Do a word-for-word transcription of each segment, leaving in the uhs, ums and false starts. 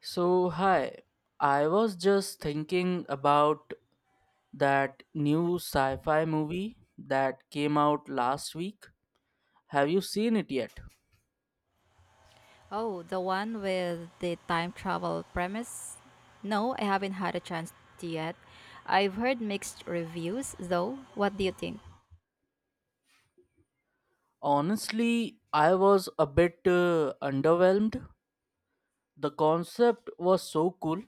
So, hi. I was just thinking about that new sci fi movie that came out last week. Have you seen it yet? Oh, the one with the time travel premise? No, I haven't had a chance yet. I've heard mixed reviews, though. What do you think? Honestly, I was a bit uh, underwhelmed. The concept was so cool,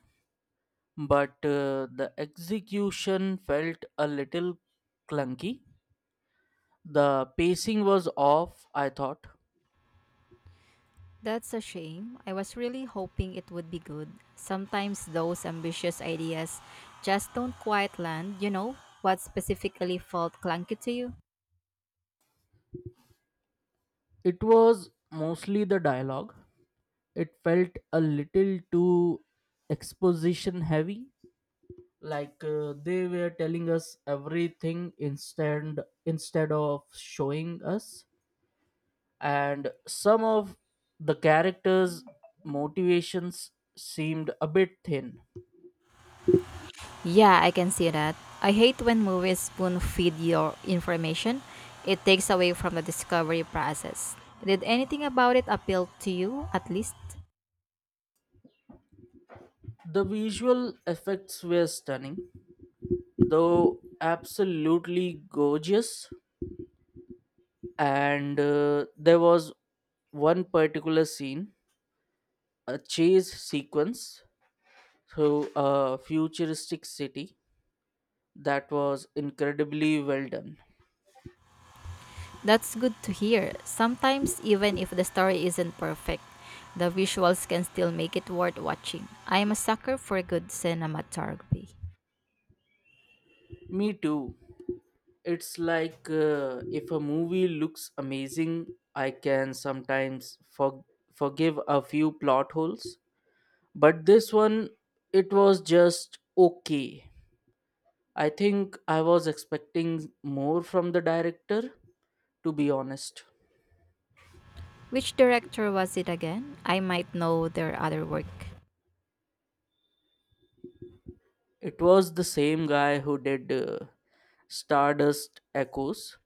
but uh, the execution felt a little clunky. The pacing was off, I thought. That's a shame. I was really hoping it would be good. Sometimes those ambitious ideas just don't quite land, you know? What specifically felt clunky to you? It was mostly the dialogue, it felt a little too exposition heavy, like uh, they were telling us everything instead instead of showing us, and some of the characters motivations seemed a bit thin. Yeah, I can see that. I hate when movies spoon feed your information. It takes away from the discovery process. Did anything about it appeal to you, at least? The visual effects were stunning though, absolutely gorgeous, and uh, there was one particular scene, a chase sequence through a futuristic city, that was incredibly well done. That's good to hear. Sometimes, even if the story isn't perfect, the visuals can still make it worth watching. I'm a sucker for good cinematography. Me too. It's like uh, if a movie looks amazing, I can sometimes for- forgive a few plot holes, but this one, it was just okay. I think I was expecting more from the director, to be honest. Which director was it again? I might know their other work. It was the same guy who did uh, Stardust Echoes.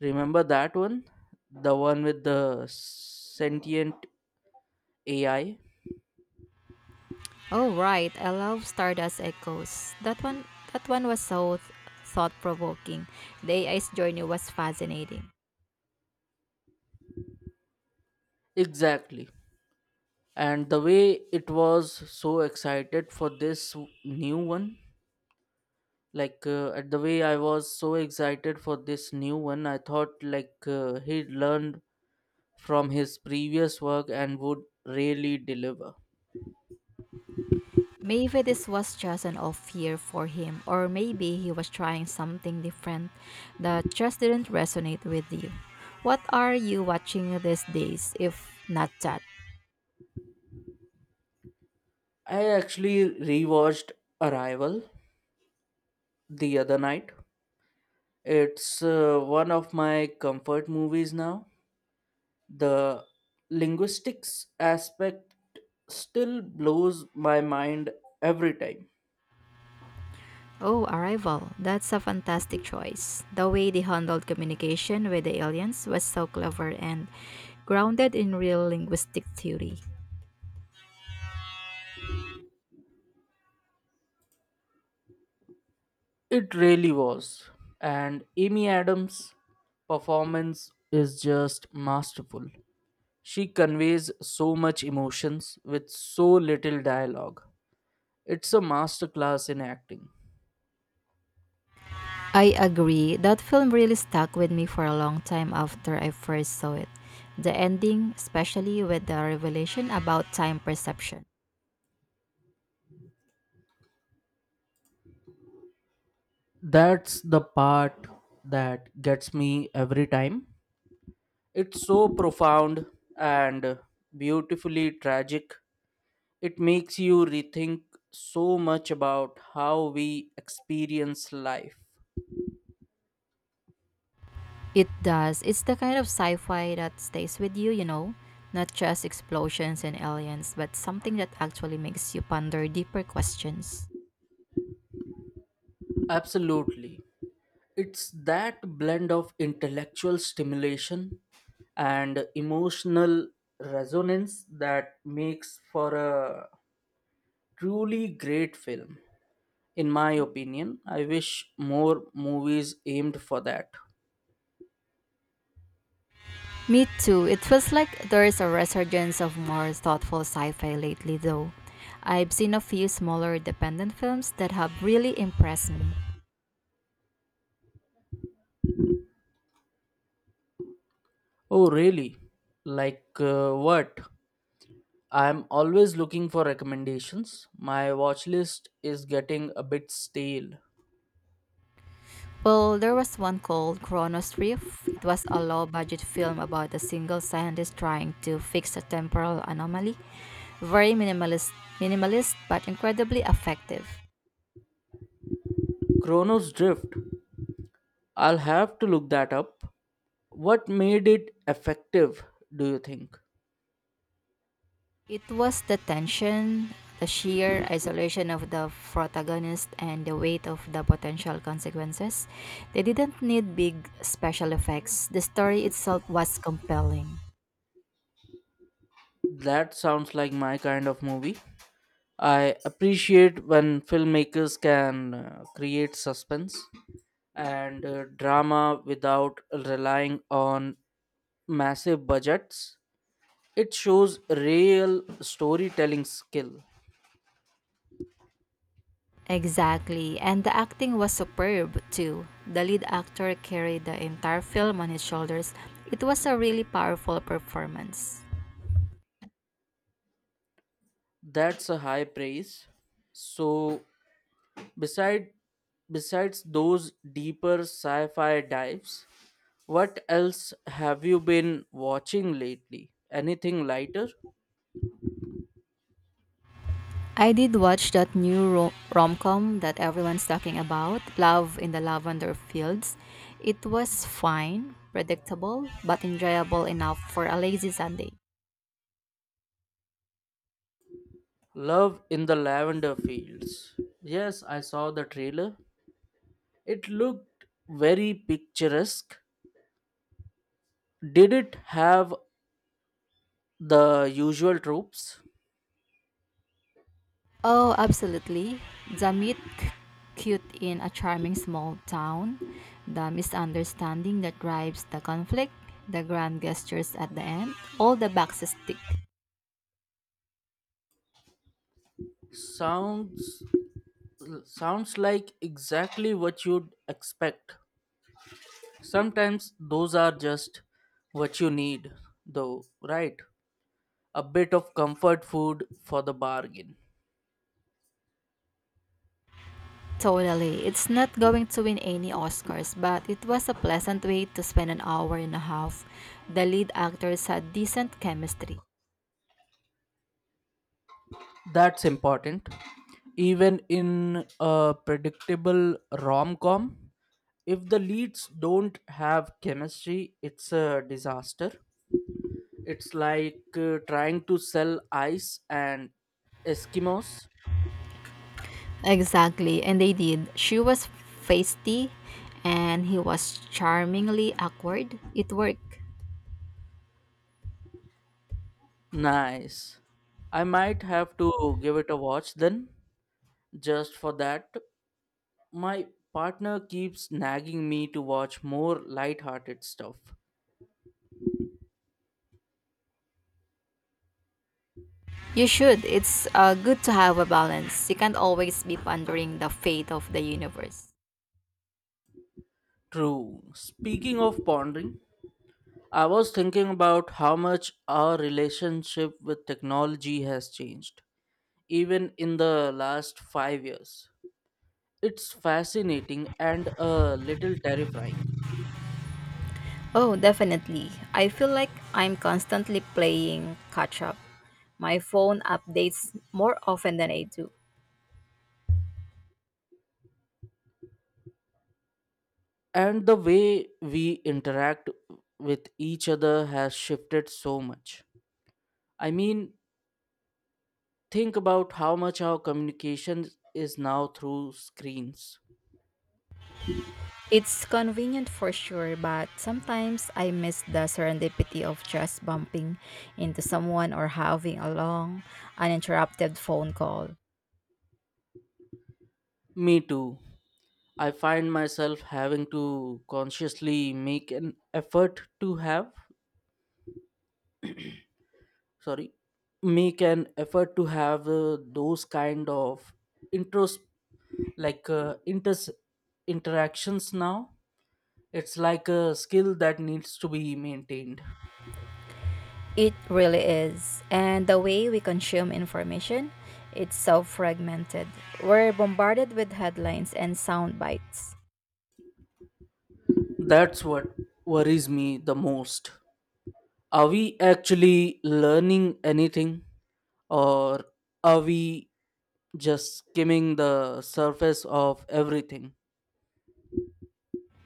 Remember that one? The one with the sentient A I? Oh right, I love Stardust Echoes. That one, that one was so thought provoking. The A I's journey was fascinating. Exactly. And the way it was so excited for this w- new one, like uh, at the way I was so excited for this new one, I thought like uh, he learned from his previous work and would really deliver. Maybe this was just an off year for him, or maybe he was trying something different that just didn't resonate with you. What are you watching these days, if not that? I actually rewatched Arrival the other night. It's uh, one of my comfort movies now. The linguistics aspect still blows my mind every time. Oh, Arrival. That's a fantastic choice. The way they handled communication with the aliens was so clever and grounded in real linguistic theory. It really was. And Amy Adams' performance is just masterful. She conveys so much emotions with so little dialogue. It's a masterclass in acting. I agree. That film really stuck with me for a long time after I first saw it. The ending, especially with the revelation about time perception. That's the part that gets me every time. It's so profound and beautifully tragic. It makes you rethink so much about how we experience life. It does. It's the kind of sci fi that stays with you, you know? Not just explosions and aliens, but something that actually makes you ponder deeper questions. Absolutely. It's that blend of intellectual stimulation and emotional resonance that makes for a truly great film. In my opinion, I wish more movies aimed for that. Me too. It feels like there's a resurgence of more thoughtful sci fi lately, though. I've seen a few smaller independent films that have really impressed me. Oh, really? Like uh, what? I'm always looking for recommendations. My watch list is getting a bit stale. Well, there was one called Chronos Rift. It was a low budget film about a single scientist trying to fix a temporal anomaly. Very minimalist, minimalist but incredibly effective. Chronos Drift. I'll have to look that up. What made it effective, do you think? It was the tension, the sheer isolation of the protagonist, and the weight of the potential consequences. They didn't need big special effects. The story itself was compelling. That sounds like my kind of movie. I appreciate when filmmakers can uh, create suspense and uh, drama without relying on massive budgets. It shows real storytelling skill. Exactly, and the acting was superb too. The lead actor carried the entire film on his shoulders. It was a really powerful performance. That's a high praise. So, beside besides those deeper sci-fi dives, what else have you been watching lately? Anything lighter? I did watch that new ro- rom-com that everyone's talking about, Love in the Lavender Fields. It was fine, predictable, but enjoyable enough for a lazy Sunday. Love in the Lavender Fields. Yes, I saw the trailer. It looked very picturesque. Did it have the usual tropes? Oh, absolutely. The meet c- cute in a charming small town, the misunderstanding that drives the conflict, the grand gestures at the end, all the boxes tick. Sounds sounds like exactly what you'd expect. Sometimes those are just what you need, though, right? A bit of comfort food for the bargain. Totally. It's not going to win any Oscars, but it was a pleasant way to spend an hour and a half. The lead actors had decent chemistry. That's important. Even in a predictable rom com, if the leads don't have chemistry, it's a disaster. It's like uh, trying to sell ice and Eskimos. Exactly, and they did. She was feisty and he was charmingly awkward. It worked. Nice. I might have to give it a watch then, just for that. My partner keeps nagging me to watch more light-hearted stuff. You should. It's uh, good to have a balance. You can't always be pondering the fate of the universe. True. Speaking of pondering, I was thinking about how much our relationship with technology has changed, even in the last five years. It's fascinating and a little terrifying. Oh, definitely. I feel like I'm constantly playing catch up. My phone updates more often than I do. And the way we interact with each other has shifted so much. I mean, think about how much our communication is now through screens. It's convenient for sure, but sometimes I miss the serendipity of just bumping into someone or having a long, uninterrupted phone call. Me too. I find myself having to consciously make an effort to have, sorry, make an effort to have uh, those kind of intros, like uh, inters interactions now. It's like a skill that needs to be maintained. It really is. And the way we consume information, it's so fragmented. We're bombarded with headlines and sound bites. That's what worries me the most. Are we actually learning anything, or are we just skimming the surface of everything?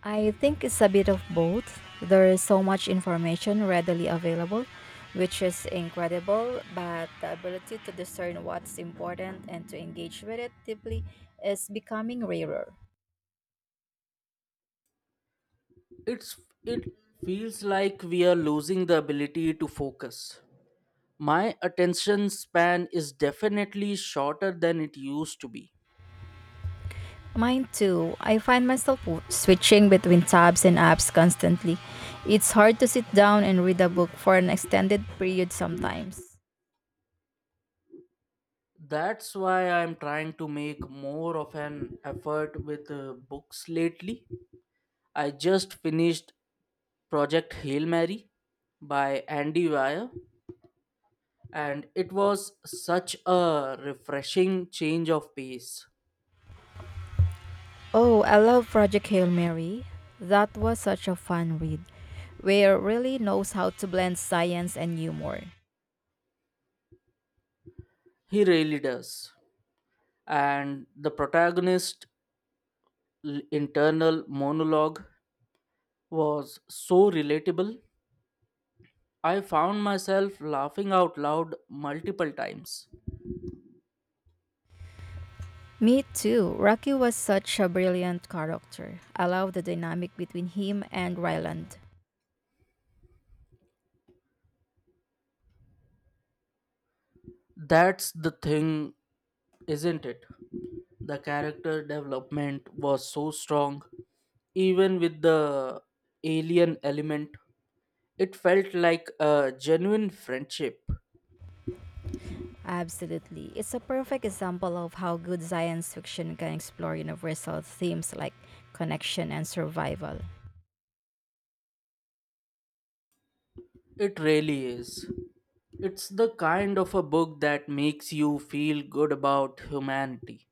I think it's a bit of both. There is so much information readily available, which is incredible, but the ability to discern what's important and to engage with it deeply is becoming rarer. it's it feels like we are losing the ability to focus. My attention span is definitely shorter than it used to be. Mine too. I find myself w- switching between tabs and apps constantly. It's hard to sit down and read a book for an extended period sometimes. That's why I'm trying to make more of an effort with uh, books lately. I just finished Project Hail Mary by Andy Weir, and it was such a refreshing change of pace. Oh, I love Project Hail Mary. That was such a fun read, where it really knows how to blend science and humor. He really does. And the protagonist l- internal monologue was so relatable. I found myself laughing out loud multiple times. Me too. Rocky was such a brilliant character. I love the dynamic between him and Ryland. That's the thing, isn't it? The character development was so strong, even with the alien element. It felt like a genuine friendship. Absolutely. It's a perfect example of how good science fiction can explore universal themes like connection and survival. It really is. It's the kind of a book that makes you feel good about humanity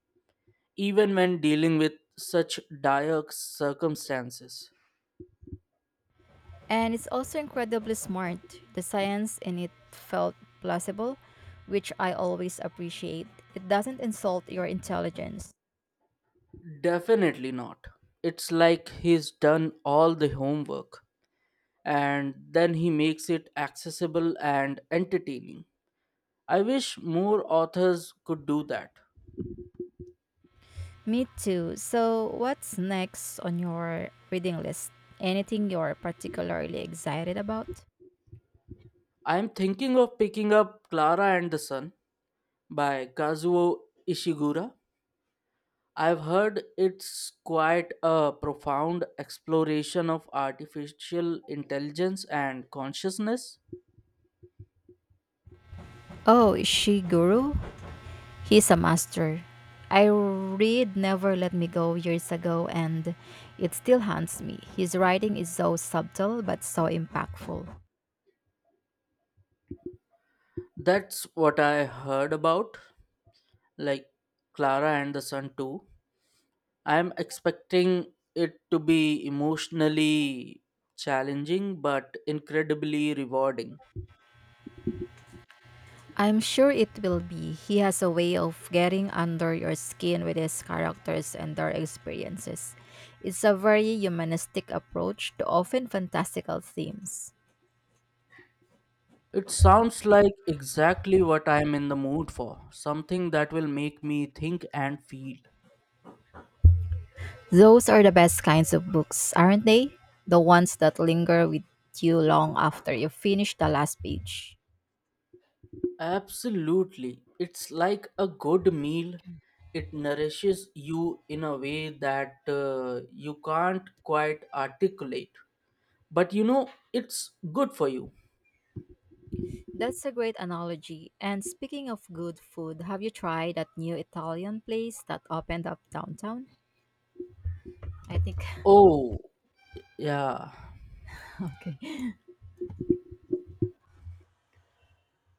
even when dealing with such dire circumstances. And it's also incredibly smart. The science in it felt plausible, which I always appreciate. It doesn't insult your intelligence. Definitely not. It's like he's done all the homework and then he makes it accessible and entertaining. I wish more authors could do that. Me too. So, what's next on your reading list? Anything you're particularly excited about? I'm thinking of picking up Clara and the Sun by Kazuo Ishiguro. I've heard it's quite a profound exploration of artificial intelligence and consciousness. Oh, Ishiguro? He's a master. I read Never Let Me Go years ago and it still haunts me. His writing is so subtle but so impactful. That's what I heard about, like, Clara and the Sun too. I'm expecting it to be emotionally challenging but incredibly rewarding. I'm sure it will be. He has a way of getting under your skin with his characters and their experiences. It's a very humanistic approach to often fantastical themes. It sounds like exactly what I'm in the mood for, something that will make me think and feel. Those are the best kinds of books, aren't they? The ones that linger with you long after you finish the last page. Absolutely. It's like a good meal. It nourishes you in a way that uh, you can't quite articulate, but you know it's good for you. That's a great analogy. And speaking of good food, have you tried that new Italian place that opened up downtown? I think. Oh, yeah. Okay.